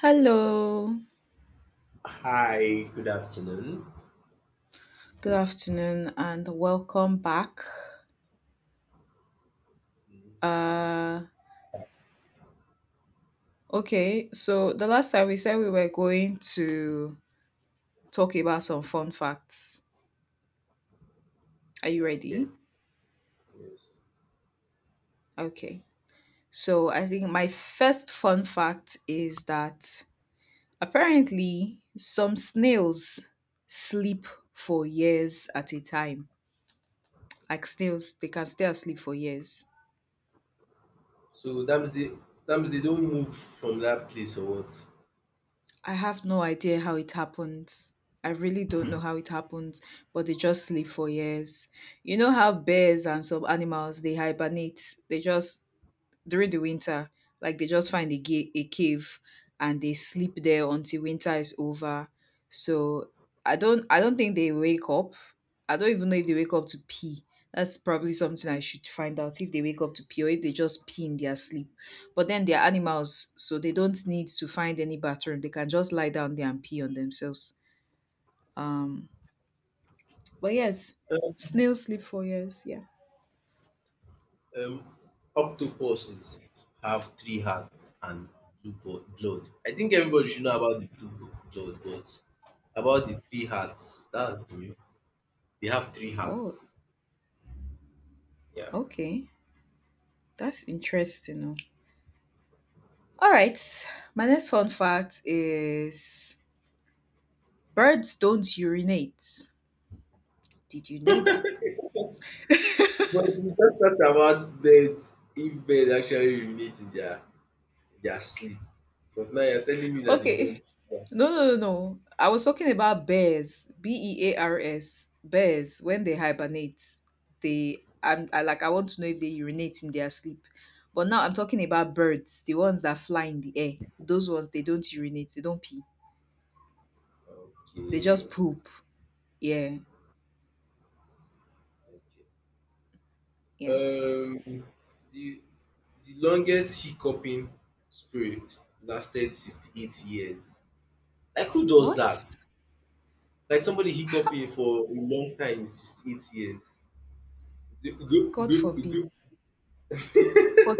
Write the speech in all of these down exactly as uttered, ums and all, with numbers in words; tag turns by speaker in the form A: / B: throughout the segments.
A: Hello,
B: Hi, good afternoon.
A: good afternoon, and welcome back.
B: Mm. Um, it's,
A: Uh, okay, so the last time we said we were going to talk about some fun facts. Are
B: yeah,
A: you
B: okay.
A: ready?
B: Yes.
A: Okay, so I think my first fun fact is that apparently some snails sleep for years at a time. Like snails, they can stay asleep for years.
B: So that means they, that means they don't move from that place or what?
A: I have no idea how it happens. I really don't know how it happens, but they just sleep for years. You know how bears and some animals they hibernate. They just during the winter, like they just find a, ga- a cave and they sleep there until winter is over. So I don't I don't think they wake up. I don't even know if they wake up to pee. That's probably something I should find out if they wake up to pee or if they just pee in their sleep. But then they're animals, so they don't need to find any bathroom. They can just lie down there and pee on themselves. Um, but yes,
B: Uh,
A: snails sleep for years. Yeah.
B: Um, Octopuses have three hearts and blue bo- blood. I think everybody should know about the blue bo- blood, but about the three hearts, that's new. They have three
A: Oh,
B: hearts. Yeah.
A: okay. That's interesting. Oh. All right, my next fun fact is birds don't urinate. Did you know that?
B: But we just talked about birds, if birds actually urinate in their. They are asleep. But now you're telling me that they
A: Okay.
B: don't. Yeah.
A: No, no, no, no. I was talking about bears, B E A R S, bears, when they hibernate, they, I'm, I, like, I want to know if they urinate in their sleep. But now I'm talking about birds, the ones that fly in the air. Those ones, they don't urinate, they don't pee. They just
B: Okay.
A: poop. Yeah, yeah.
B: Okay. Um, the the longest hiccuping spree lasted sixty-eight years. Like who does that?
A: What?
B: Like somebody hiccuping for a long time, sixty-eight years. Gu- gu-
A: God
B: gu-
A: forbid.
B: gu-
A: What?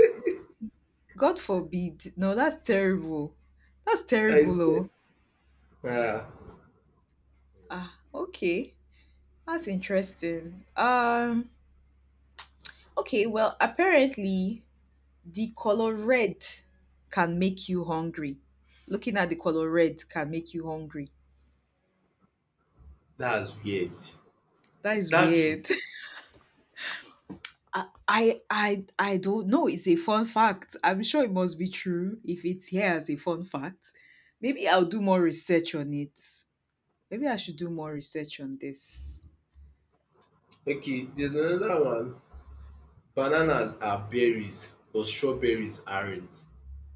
A: God forbid. No, that's terrible. That's
B: I
A: terrible,
B: said,
A: oh.
B: "Ah."
A: Ah, okay. That's interesting. Um, okay, well, apparently the color red can make you hungry. Looking at the color red can make you hungry.
B: That's weird.
A: That
B: Is
A: is
B: that true?
A: weird. I I I I don't know. It's a fun fact. I'm sure it must be true if it's here as a fun fact. Maybe I'll do more research on it. Maybe I should do more research on this.
B: Okay, there's another one. Bananas are berries, but strawberries aren't.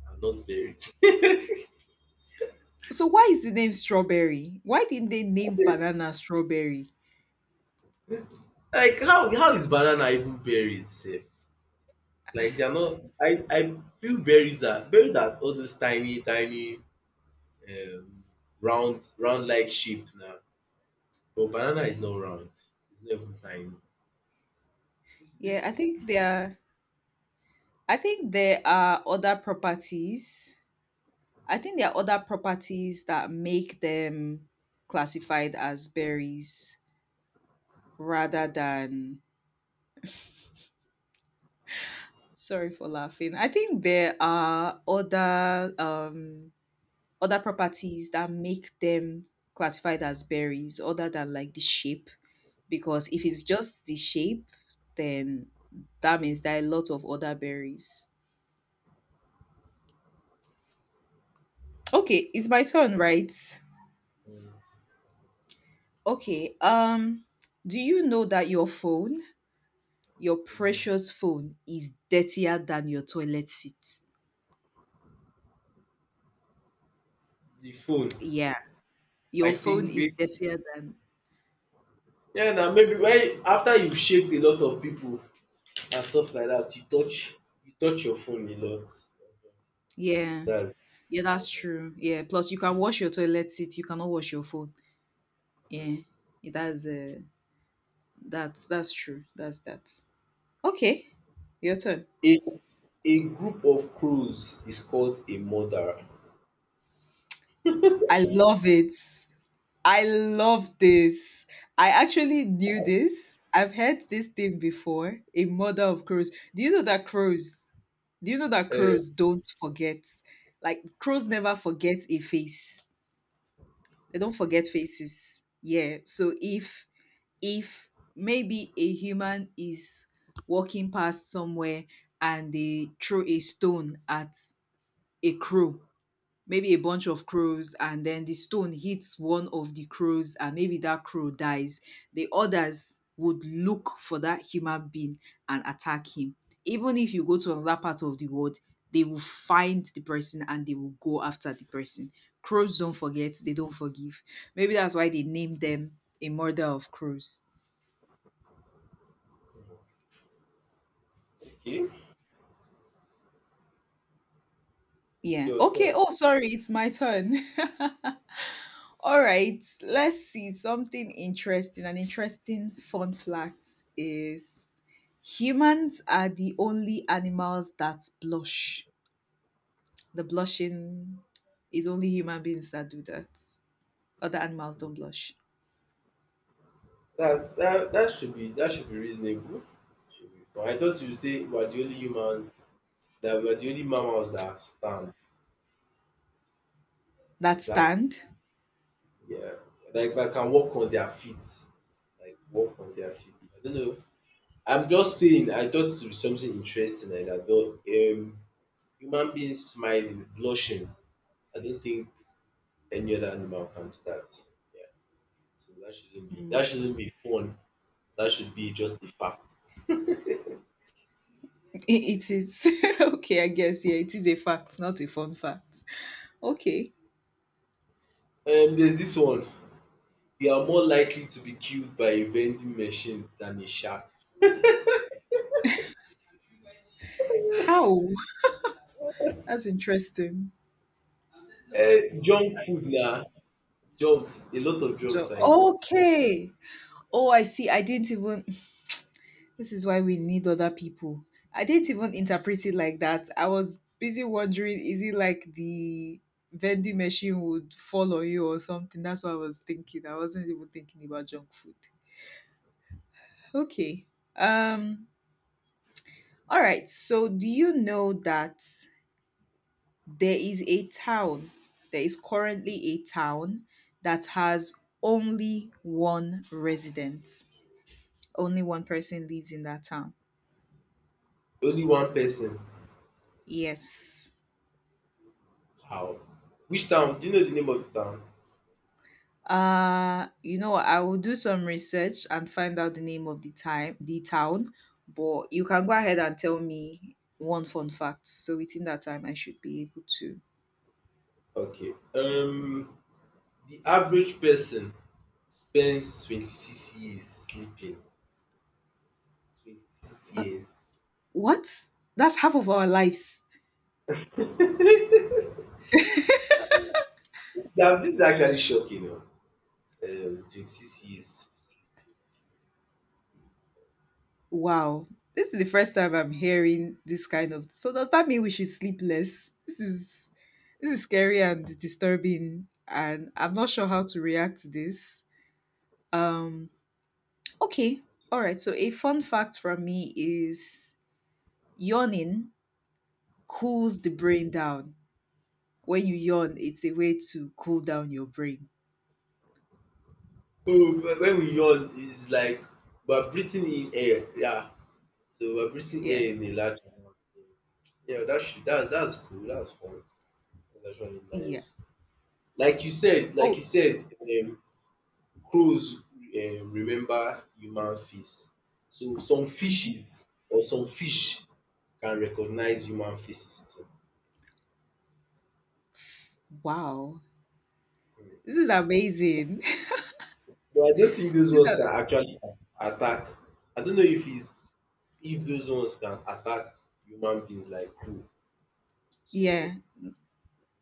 B: Are not berries.
A: So why is the name strawberry? Why didn't they name banana strawberry?
B: Like how how is banana even berries sef? Like, they are not. I I feel berries are berries are all those tiny tiny um round round like shape now. But banana is not round, it's not even tiny. This
A: Yeah,
B: this
A: I
B: is
A: think
B: this
A: there are I think there are other properties. I think there are other properties that make them classified as berries rather than sorry for laughing. I think there are other um other properties that make them classified as berries other than like the shape, because if it's just the shape, then that means there are a lot of other berries. Okay, it's my
B: Okay.
A: turn, right?
B: um
A: Okay, um, do you know that your phone, your
B: um
A: precious phone, is dirtier than your toilet seat?
B: The phone.
A: Yeah, your
B: I
A: phone
B: think
A: is
B: may
A: dirtier than,
B: Yeah. Now maybe when after you shake a lot of people and stuff like that, you touch you touch your phone a lot.
A: yeah,
B: Dats.
A: yeah, that's true. Yeah, plus you can wash your toilet seat, you cannot wash your phone. Yeah, that's uh, that's that's true. That's that. Okay, your turn.
B: A a group of crows is called a murderer.
A: I love it. I love this. I actually knew this. I've heard this thing before. A mother of crows. Do you know that crows? Do you know that
B: Uh,
A: crows don't forget? Like crows never forget a face. They don't forget faces. Yeah. So if if maybe a human is walking past somewhere and they throw a stone at a crow, maybe a bunch of crows, and then the stone hits one of the crows and maybe that crow dies. The others would look for that human being and attack him, even if you go to another part of the world. They will find the person and they will go after the person. Crows don't forget, they don't forgive. Maybe that's why they named them a murder of crows.
B: okay, it's
A: Yeah.
B: your
A: Okay.
B: turn.
A: Oh, sorry. It's my turn. All right. Let's see something interesting. An interesting fun fact is humans are the only animals that blush. The blushing is only human beings that do that. Other animals don't blush.
B: That's that, that should be that should be reasonable. Should be fine. I thought you say we are the only humans that we are the only mammals that stand.
A: That
B: Is that,
A: stand.
B: yeah? Like that can walk on their feet. Like walk on their feet. I don't know. I'm just saying. I thought it would be something interesting like that. But um, human beings smiling, blushing. I don't think any other animal can do that. Yeah. So that shouldn't be
A: Mm.
B: that shouldn't be fun. That should be just a fact.
A: It, it is. Okay, I guess. Yeah, it is a fact, not a fun fact. Okay.
B: Um there's this one: you are more likely to be killed by a vending machine than a shark.
A: How? That's interesting.
B: Uh, junk food na, drugs, a lot of drugs
A: Jo-
B: are in.
A: okay. Oh, I see. I didn't even. This is why we need other people. I didn't even interpret it like that. I was busy wondering is it like the vending machine would fall on you or something? That's what I was thinking. I wasn't even thinking about junk food. Okay. Um. All right. So, do you know that there is a town? There is currently a town that has only one resident. Only one person lives in that town.
B: Only one person.
A: Yes.
B: How? Which town? Do you know the name of the town?
A: Uh, you know, what, I will do some research and find out the name of the time, the town. But you can go ahead and tell me one fun fact. So within that time, I should be able to.
B: Okay. Um the average person spends twenty-six years sleeping. Twenty-six years.
A: What? That's half of our lives.
B: This na this is actually shocking o. Um twenty-six years sleeping.
A: Wow. This is the first time I'm hearing this kind of. So does that mean we should sleep less? This is this is scary and disturbing, and I'm not sure how to react to this. Um. Okay. All right. So a fun fact from me is yawning cools the brain down. When you yawn, it's a way to cool down your brain.
B: So when we yawn, it's like we are breathing in air. Yeah. So we're breathing
A: Yeah.
B: air in a large amount. So yeah, that should, that that's cool. That's fun. That's actually nice.
A: Yeah.
B: Like you said, like you
A: Oh,
B: said, um, crows, um, remember human face. So some
A: mhm.
B: fishes or some fish can recognize human faces too.
A: Wow.
B: Mm.
A: This is amazing.
B: But I don't think those
A: This,
B: ones
A: are,
B: can actually attack. I don't know if it's if those ones can attack human beings like crow.
A: yeah.
B: So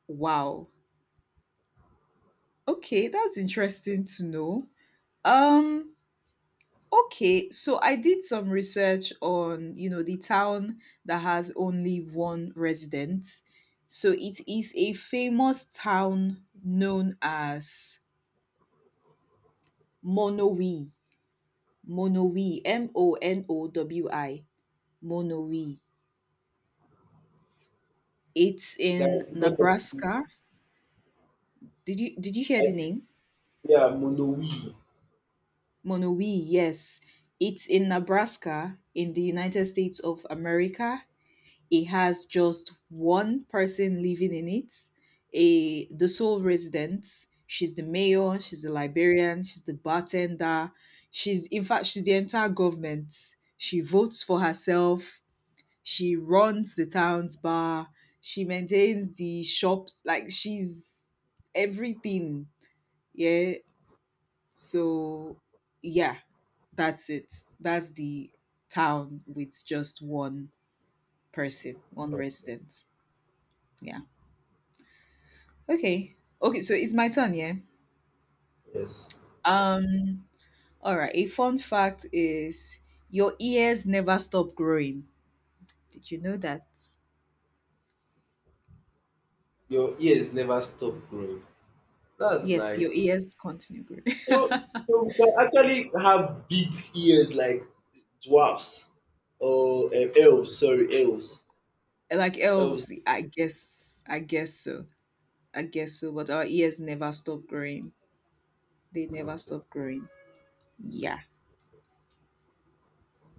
A: Wow. Okay, that's interesting to know. Um, okay, so I did some research on, you know, the town that has only one resident. So it is a famous town known as Monowi. Monowi, M O N O W I, Monowi. It's in
B: that because of
A: Nebraska. Did you did you hear
B: I
A: the
B: think
A: name?
B: they are monoweave.
A: Monowi, yes. It's in Nebraska in the United States of America. It has just one person living in it, a the sole resident. She's the mayor, she's the librarian, she's the bartender. She's in fact she's the entire government. She votes for herself. She runs the town's bar. She maintains the shops. Like she's everything. Yeah. So yeah, that's it. That's the town with just one person, one resident. Yeah. Okay. Okay, so it's my turn, yeah.
B: Yes.
A: Um all right, a fun fact is your ears never stop growing. Did you know that?
B: Your ears never stop growing. That's
A: Yes, your
B: nice.
A: ears continue growing.
B: So, so we can actually have big ears like dwarfs or um, elves. Sorry, elves.
A: Like
B: Elves.
A: elves, I guess, I guess so. I guess so. But our ears never stop growing. They never
B: Okay.
A: stop growing. Yeah.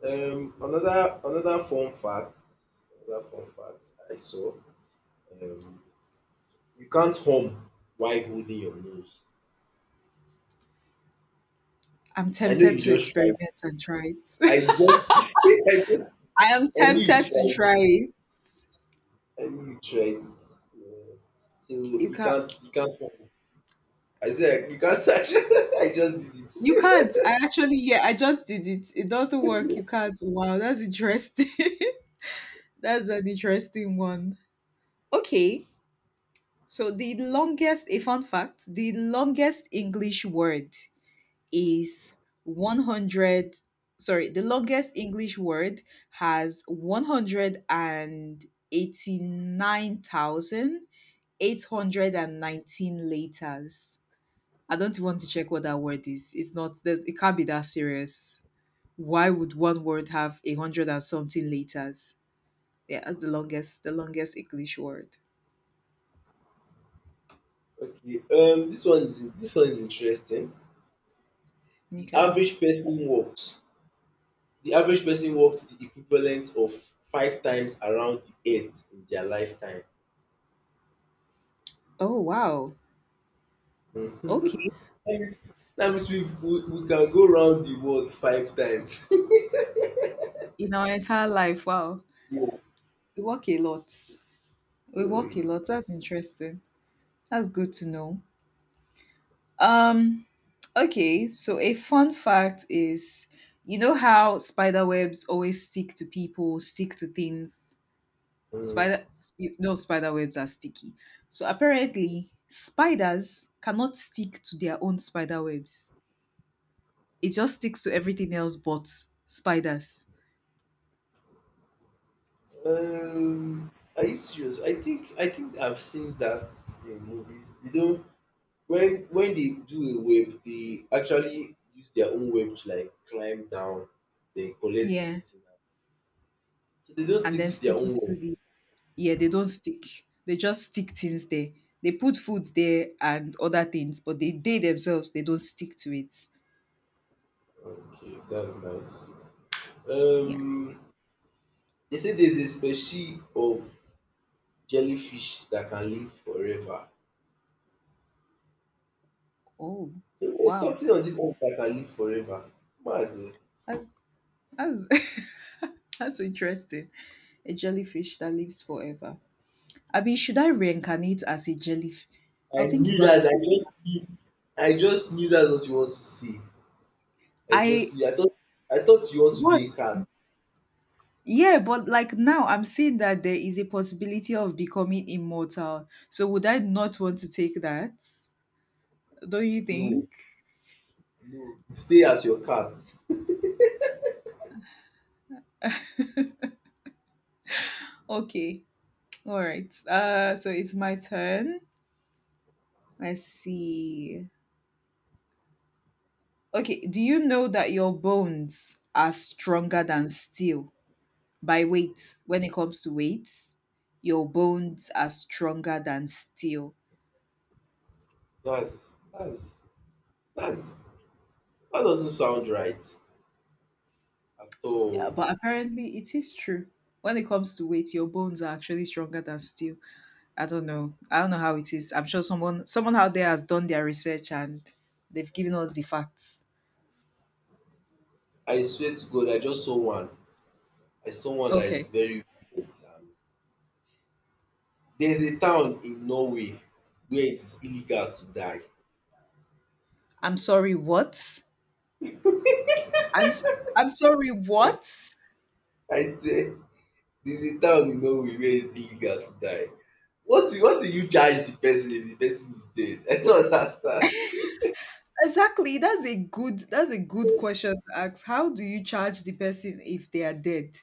B: Um, another another fun fact. Another fun fact I saw. Um, you can't hum while holding your nose.
A: I'm
B: I know
A: tempted
B: you
A: to
B: just tried.
A: experiment and try it.
B: I just. I just.
A: I am
B: I knew you
A: tempted to
B: tried.
A: try it.
B: I knew you tried. Yeah. So
A: You
B: you
A: can't.
B: can't. You can't hum. I said you can't search. I just did
A: You
B: it.
A: can't. I actually, yeah, I just did it. It doesn't work. You can't. Wow, that's interesting. That's an interesting one. Okay. So the longest, a fun fact, the longest English word is one hundred, sorry, the longest English word has one hundred eighty-nine thousand, eight hundred nineteen letters. I don't want to check what that word is. It's not there's, it can't be that serious. Why would one word have a hundred and something letters? Yeah, that's the longest, the longest English word.
B: Okay. Um this one is this one is interesting. The
A: Okay.
B: average person walks. The average person walks the equivalent of five times around the earth in their lifetime.
A: Oh wow. Okay.
B: Yes. That means we we, we can go round the world five times.
A: In our entire life. Wow.
B: Yeah.
A: We walk a lot. We walk a lot. That's interesting. That's good to know. Um, okay, so a fun fact is you know how spider webs always stick to people, stick to things.
B: Mm.
A: Spider, you no spider webs are sticky. So apparently spiders cannot stick to their own spider webs. It just sticks to everything else but spiders.
B: Um, are you serious? I think I think I've seen that in movies. You don't. When when they do a web, they actually use their own web to like climb down, then collect
A: Yeah.
B: this thing out. So they don't
A: And
B: stick
A: then
B: to their
A: stick it
B: own
A: to
B: web.
A: the, yeah, they don't stick. They just stick things there. They put food there and other things, but they they themselves they don't stick to it.
B: Okay, that's nice.
A: Yeah.
B: Um, they say there's a species of jellyfish that can live forever.
A: Oh,
B: So there's
A: wow.
B: something on this earth that can live forever. Mad oh.
A: That's that's, that's interesting. A jellyfish that lives forever. I mean, should I reincarnate as a jellyfish?
B: I
A: I'll think
B: knew
A: about
B: that.
A: this
B: I
A: later.
B: just knew. I just knew that's what you want to see. I
A: I
B: just knew. I thought. I thought you want to be
A: what?
B: a cat.
A: Yeah, but like now I'm seeing that there is a possibility of becoming immortal. So would I not want to take that? Don't you
B: No,
A: think?
B: no. Stay as your cat.
A: Okay. All right. Uh so it's my turn. Let's see. Okay, do you know that your bones are stronger than steel by weight? When it comes to weight, your bones are stronger than steel.
B: That's that's that's that doesn't sound right at
A: Uh,
B: all.
A: But apparently, it is true. When it comes to weight, your bones are actually stronger than steel. I don't know. I don't know how it is. I'm sure someone someone out there has done their research and they've given us the facts.
B: I swear to God, I just saw one. I saw one that is
A: Okay.
B: very weird. Um, there's a town in Norway where it is illegal to die.
A: I'm sorry, what? I'm s- I'm sorry, what?
B: I swear, there's a town in Norway where it's illegal to die. What will, what will you charge the person if the person is dead? I don't understand.
A: Exactly. That's a good, that's a good question to ask. How do you charge the person if they are dead?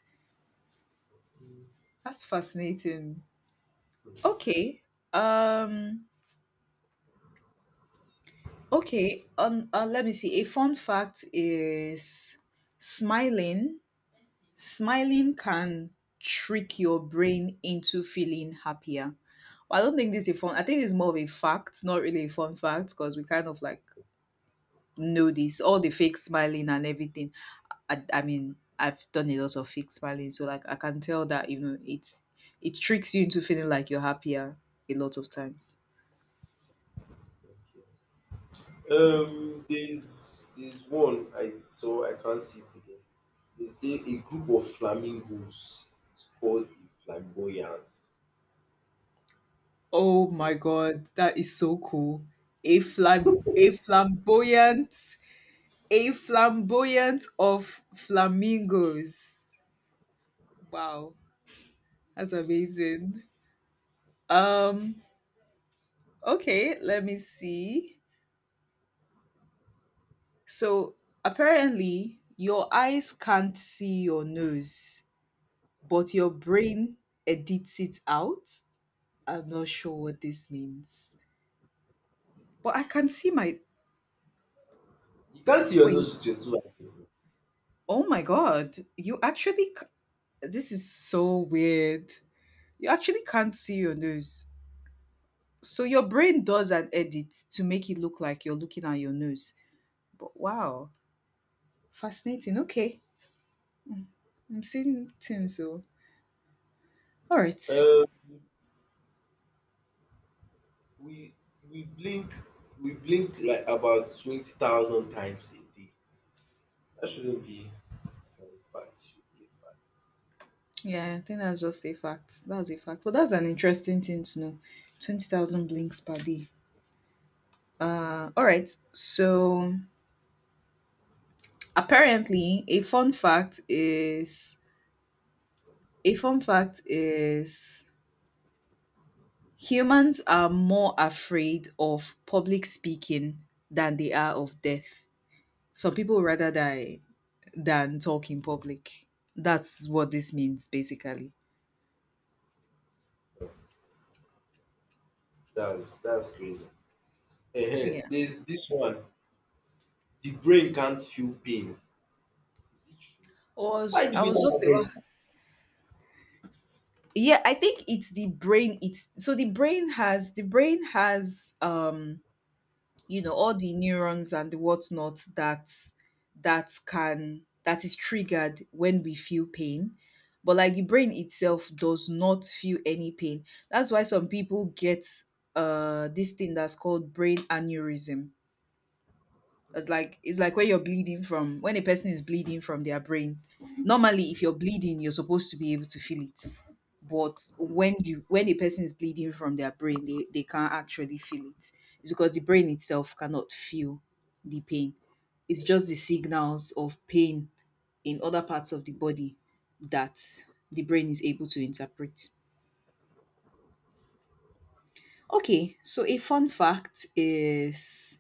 A: That's fascinating. Okay. Um okay, um, uh, let me see. A fun fact is smiling. Smiling can trick your brain into feeling happier. Well, I don't think this is a fun. I think it's more of a fact, not really a fun fact because we kind of like know this, all the fake smiling and everything. I, I mean I've done a lot of fake smiling, so like I can tell that, you know, it's it tricks you into feeling like you're happier a lot of times. Yeah.
B: Um, there's there's one I saw. I can't see it again. They say a group of flamingos is called a flamboyance.
A: Oh
B: It's,
A: my
B: uh,
A: god, that is so cool. A flam a flamboyant, a flamboyant of flamingos. Wow, that's amazing. um okay, let me see. So apparently, your eyes can't see your nose, but your brain edits it out. I'm not sure what this means. But I can see my.
B: you can't see your
A: Wait.
B: nose with your two eyes.
A: Oh my God. You actually. c- This is so weird. You actually can't see your nose. So your brain does an edit to make it look like you're looking at your nose. But wow. Fascinating. Okay. I'm seeing things. So. All right.
B: Um, we we blink we blink like about twenty thousand times a day. That shouldn't be fun fact. Should be a fact.
A: Yeah, I think that's just a fact. That's a fact. But that's an interesting thing to know. twenty thousand blinks per day. Uh, all right. So apparently, a fun fact is a fun fact is humans are more afraid of public speaking than they are of death. Some people rather die than talk in public. That's what this means, basically.
B: That's that's crazy. Ehen,
A: Yeah.
B: there's this one. The brain can't feel pain. Is it true?
A: I was
B: Why do
A: I
B: we
A: was
B: not
A: just about
B: have
A: yeah I think it's the brain it's so the brain has the brain has um you know, all the neurons and the whatnot that that can that is triggered when we feel pain, but like the brain itself does not feel any pain. That's why some people get uh this thing that's called brain aneurysm. It's like it's like when you're bleeding from when a person is bleeding from their brain. Normally, if you're bleeding, you're supposed to be able to feel it. But when you when a person is bleeding from their brain, they, they can't actually feel it. It's because the brain itself cannot feel the pain. It's just the signals of pain in other parts of the body that the brain is able to interpret. Okay, so a fun fact is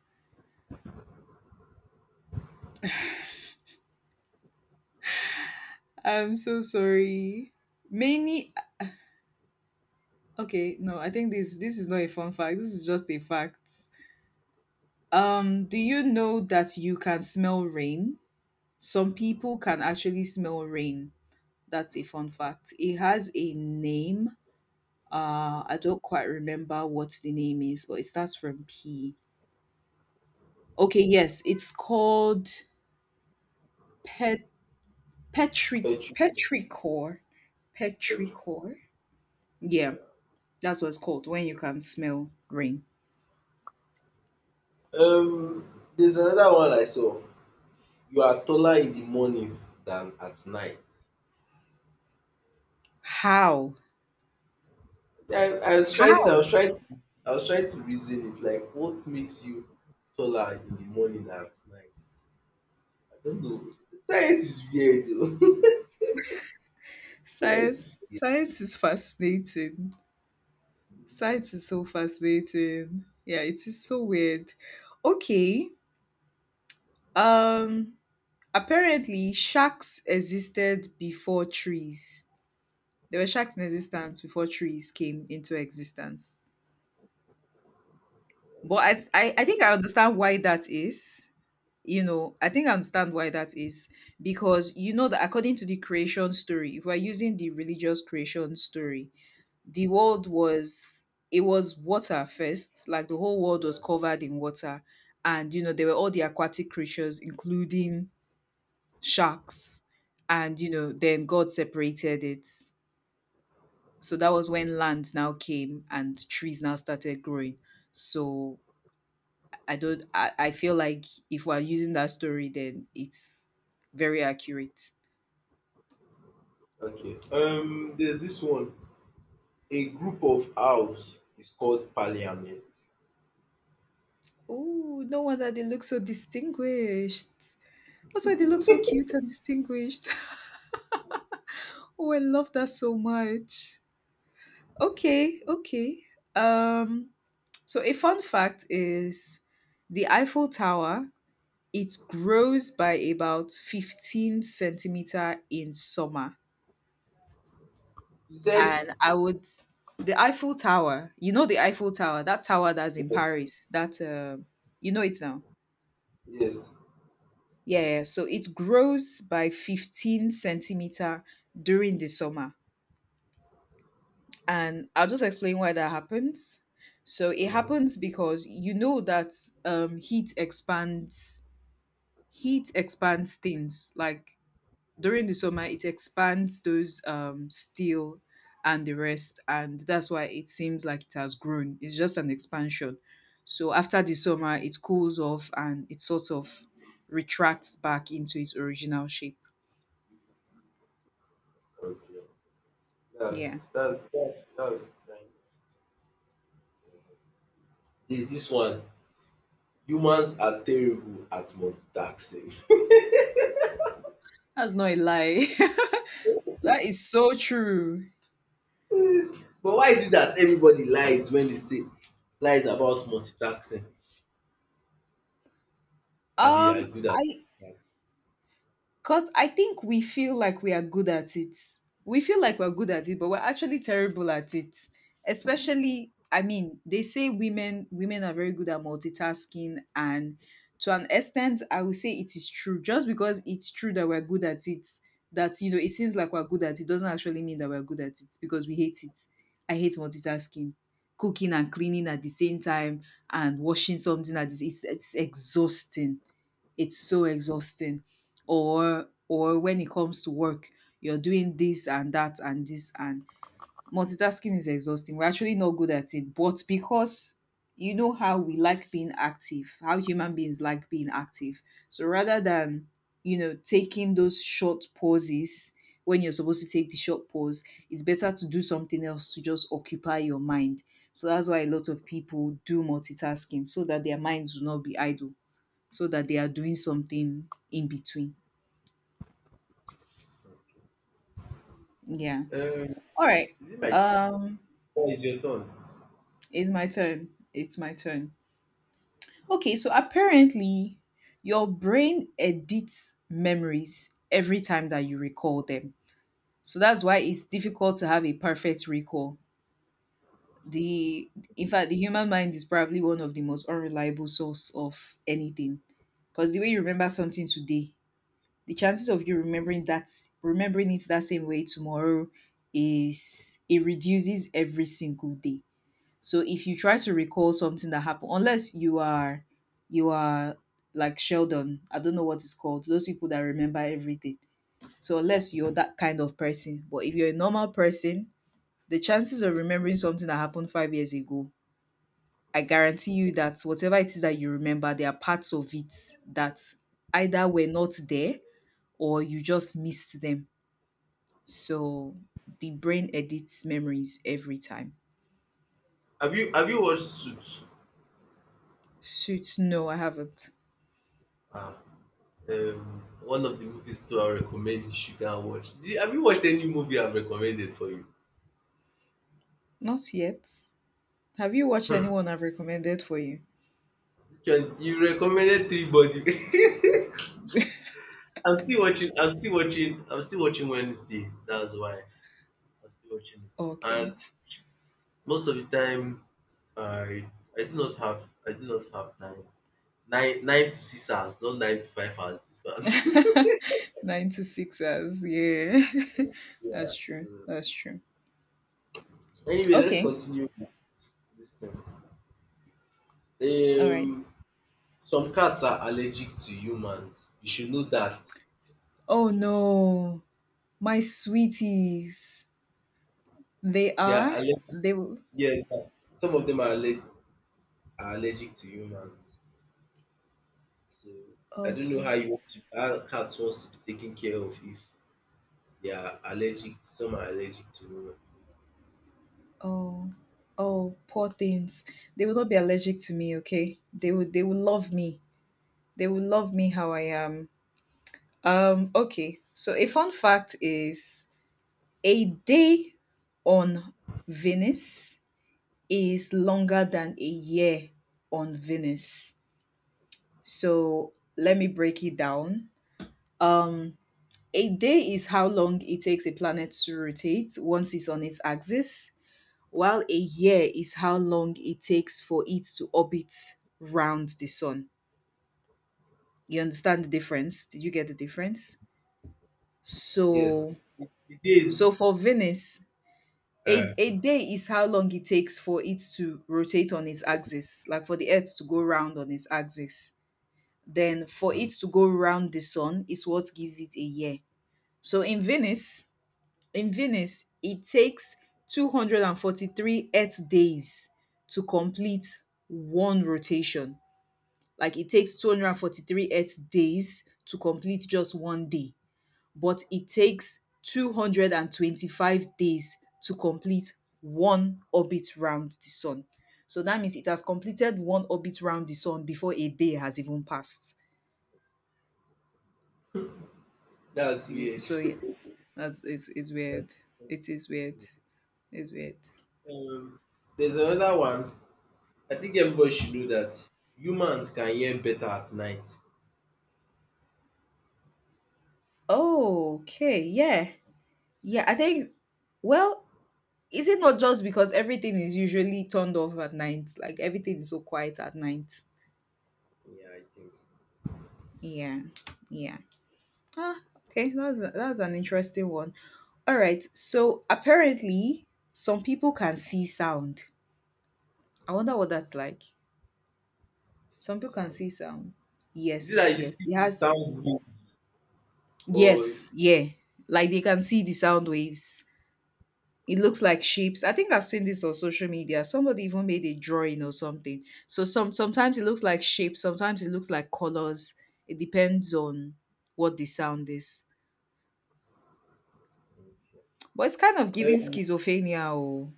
A: I'm so sorry. Many Okay, no, I think this this is not a fun fact, this is just a fact. Um do you know that you can smell rain? Some people can actually smell rain. That's a fun fact. It has a name. Uh, I don't quite remember what the name is, but it starts from P. Okay, yes, it's called pet petri
B: head?
A: petrichor.
B: Okay.
A: Petrichor. Yeah, that's what it's called when you can smell rain.
B: Um, there's another one I saw. You are taller in the morning than at night.
A: How?
B: I, I was trying to, I was
A: How?
B: trying to, I was trying to reason it. Like, what makes you taller in the morning than at night? I don't know. Science is weird, though. Science is
A: Science.
B: weird.
A: Science is fascinating. Science is so fascinating. Yeah, it is so weird. Okay. Um Apparently, sharks existed before trees. There were sharks in existence before trees came into existence. But I, I, I think I understand why that is. You know, I think I understand why that is. Because you know that according to the creation story, if we're using the religious creation story, the world
B: Okay.
A: was it was water first, like the whole
B: Mm,
A: world was
B: yeah.
A: covered in water. And you know, there were all the aquatic creatures, including sharks. And you know, then God separated it, so that was when land now came and trees now started growing. So I don't I, I feel like if we're using that story, then it's very accurate.
B: Okay. Um, there's this one. A group of owls is called parliament.
A: Oh, no wonder they look so distinguished. That's why they look so cute and distinguished. Oh, I love that so much. Okay, okay. um so a fun fact is the Eiffel Tower, it grows by about fifteen centimeter in summer.
B: You said
A: And I would, the Eiffel Tower, you know, the Eiffel Tower, that tower that's in
B: yes.
A: Paris, that, uh, you know it now.
B: Yes.
A: Yeah, yeah. So it grows by fifteen centimeter during the summer. And I'll just explain why that happens. So it
B: Uh,
A: happens because you know that um, heat expands, heat expands things. Like during the
B: yes.
A: summer, it expands those um steel and the rest, and that's why it seems like it has grown. It's just an expansion. So after the summer, it cools off and it sort of retracts back into its original shape.
B: Okay.
A: Yeah,
B: That's that's that's that's fine. There's this one, humans are terrible at multitasking.
A: that's not a lie. That is so true.
B: But why is it that everybody lies when they say lies about multitasking that they are
A: Um
B: good at
A: I
B: multitasking?
A: Because I think we feel like we are good at it. We feel like we're good at it, but we're actually terrible at it. Especially, I mean, they say women women are very good at multitasking, and to an extent, I would say it is true. Just because it's true that we're good at it, that you know, it seems like we're good at it, doesn't actually mean that we're good at it, because we hate it. I hate multitasking, cooking and cleaning at the same time, and washing something at this. It's, it's exhausting. It's so exhausting. Or or when it comes to work, you're doing this and that and this, and multitasking is exhausting. We're actually not good at it, but because you know how we like being active, how human beings like being active, so rather than, you know, taking those short pauses, when you're supposed to take the short pause, it's better to do something else to just occupy your mind. So that's why a lot of people do multitasking, so that their minds will not be idle, so that they are doing something in between. Yeah.
B: Um,
A: All right.
B: is it my
A: Um,
B: turn? It's your turn.
A: it's my turn. It's my turn. Okay, so apparently your brain edits memories every time that you recall them. So that's why it's difficult to have a perfect recall. The In fact, the human mind is probably one of the most unreliable source of anything. Because the way you remember something today, the chances of you remembering that remembering it that same way tomorrow, is it reduces every single day. So if you try to recall something that happened, unless you are you are like Sheldon, I don't know what it's called, those people that remember everything. So unless you're that kind of person, but if you're a normal person, the chances of remembering something that happened five years ago, I guarantee you that whatever it is that you remember, there are parts of it that either were not there or you just missed them. So the brain edits memories every time.
B: Have you have you watched Suits?
A: Suits? No, I haven't.
B: Ah, um, One of the movies too I recommend you should go and watch. Do you, have you watched any movie I've recommended for you?
A: Not yet. Have you watched anyone I've recommended for you?
B: Which one? You recommended Three Body. I'm still watching. I'm still watching. I'm still watching Wednesday. That's why. I still watching it. And
A: Okay.
B: most of the time, I I do not have I do not have time. Nine nine to six hours, not nine to five hours. This one.
A: Nine to six hours. Yeah. That's
B: Yeah.
A: true. That's true.
B: so- Anyway, let's
A: Okay.
B: continue with this thing.
A: All right.
B: Um, some cats are allergic to humans. You should know that. I'm
A: Oh
B: sure you should.
A: no. My sweeties. They
B: They are
A: are?
B: allergic.
A: They will.
B: Yeah, some of them are allergic are allergic to humans. So I don't know how
A: Okay.
B: you want to, how cat wants to be taken care of if They are allergic. Some are allergic to human.
A: Oh. Oh, poor things. They will not be allergic to me, okay? They will they will love me. They will love me how I am. Um, okay. So a fun fact is a day on Venus is longer than a year on Venus. So let me break it down. Um, a day is how long it takes a planet to rotate once it's on its axis, while a year is how long it takes for it to orbit round the sun. You understand the difference? Did you get the difference?
B: Yes,
A: So
B: it is.
A: So for Venus, a,
B: Uh,
A: a day is how long it takes for it to rotate on its axis, like for the Earth to go round on its axis. Then for
B: mm.
A: it to go round the sun is what gives it a year. So in Venus, in Venus, it takes two hundred forty-three Earth days to complete one rotation. Like it takes two hundred forty-three Earth days to complete just one day, but it takes two hundred twenty-five days to complete one orbit round the sun. So that means it has completed one orbit round the sun before a day has even passed.
B: That's
A: Y-
B: weird.
A: So yeah, that's it's, it's weird. It is weird. It's weird.
B: Um, there's another one. I think everybody should know that humans can hear better at night.
A: Oh, okay, yeah. Yeah, I think, well, is it not just because everything is usually turned off at night? Like everything is so quiet at night.
B: Yeah, I think.
A: Yeah. Yeah. Ah, okay, that's that's an interesting one. All right. So apparently, some people can see sound. I wonder what that's like.
B: See
A: Some people can
B: sound.
A: see sound.
B: Is it
A: Yes,
B: that you
A: yes.
B: see
A: It
B: the
A: has.
B: sound waves, or?
A: Yes, yeah. Like they can see the sound waves. It looks like shapes. I think I've seen this on social media. Somebody even made a drawing or something. So some sometimes it looks like shapes. Sometimes it looks like colors. It depends on what the sound is.
B: Okay.
A: But it's kind of giving
B: um,
A: schizophrenia. Oh,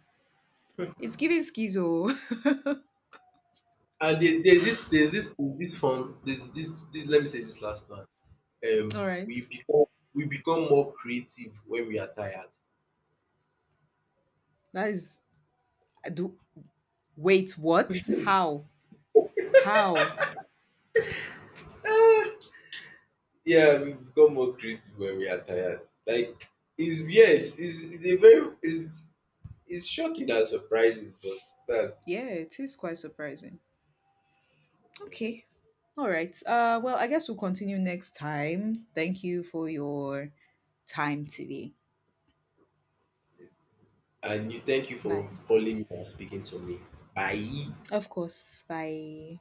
A: it's giving schizo.
B: and there, there's this there's this this fun there's this, this Let me say this last one. Um,
A: All right.
B: we become we become more creative when we are tired.
A: That is. I do. Wait, what? How? How?
B: Ah, Yeah, we become more creative when we are tired. Like, it's weird. It's, it's a very it's it's shocking and surprising, but that's
A: Yeah, it is quite surprising. Okay. All right. Uh well, I guess we'll continue next time. Thank you for your time today.
B: and you, thank you for
A: Bye.
B: calling me and speaking to me. Bye.
A: Of course. Bye.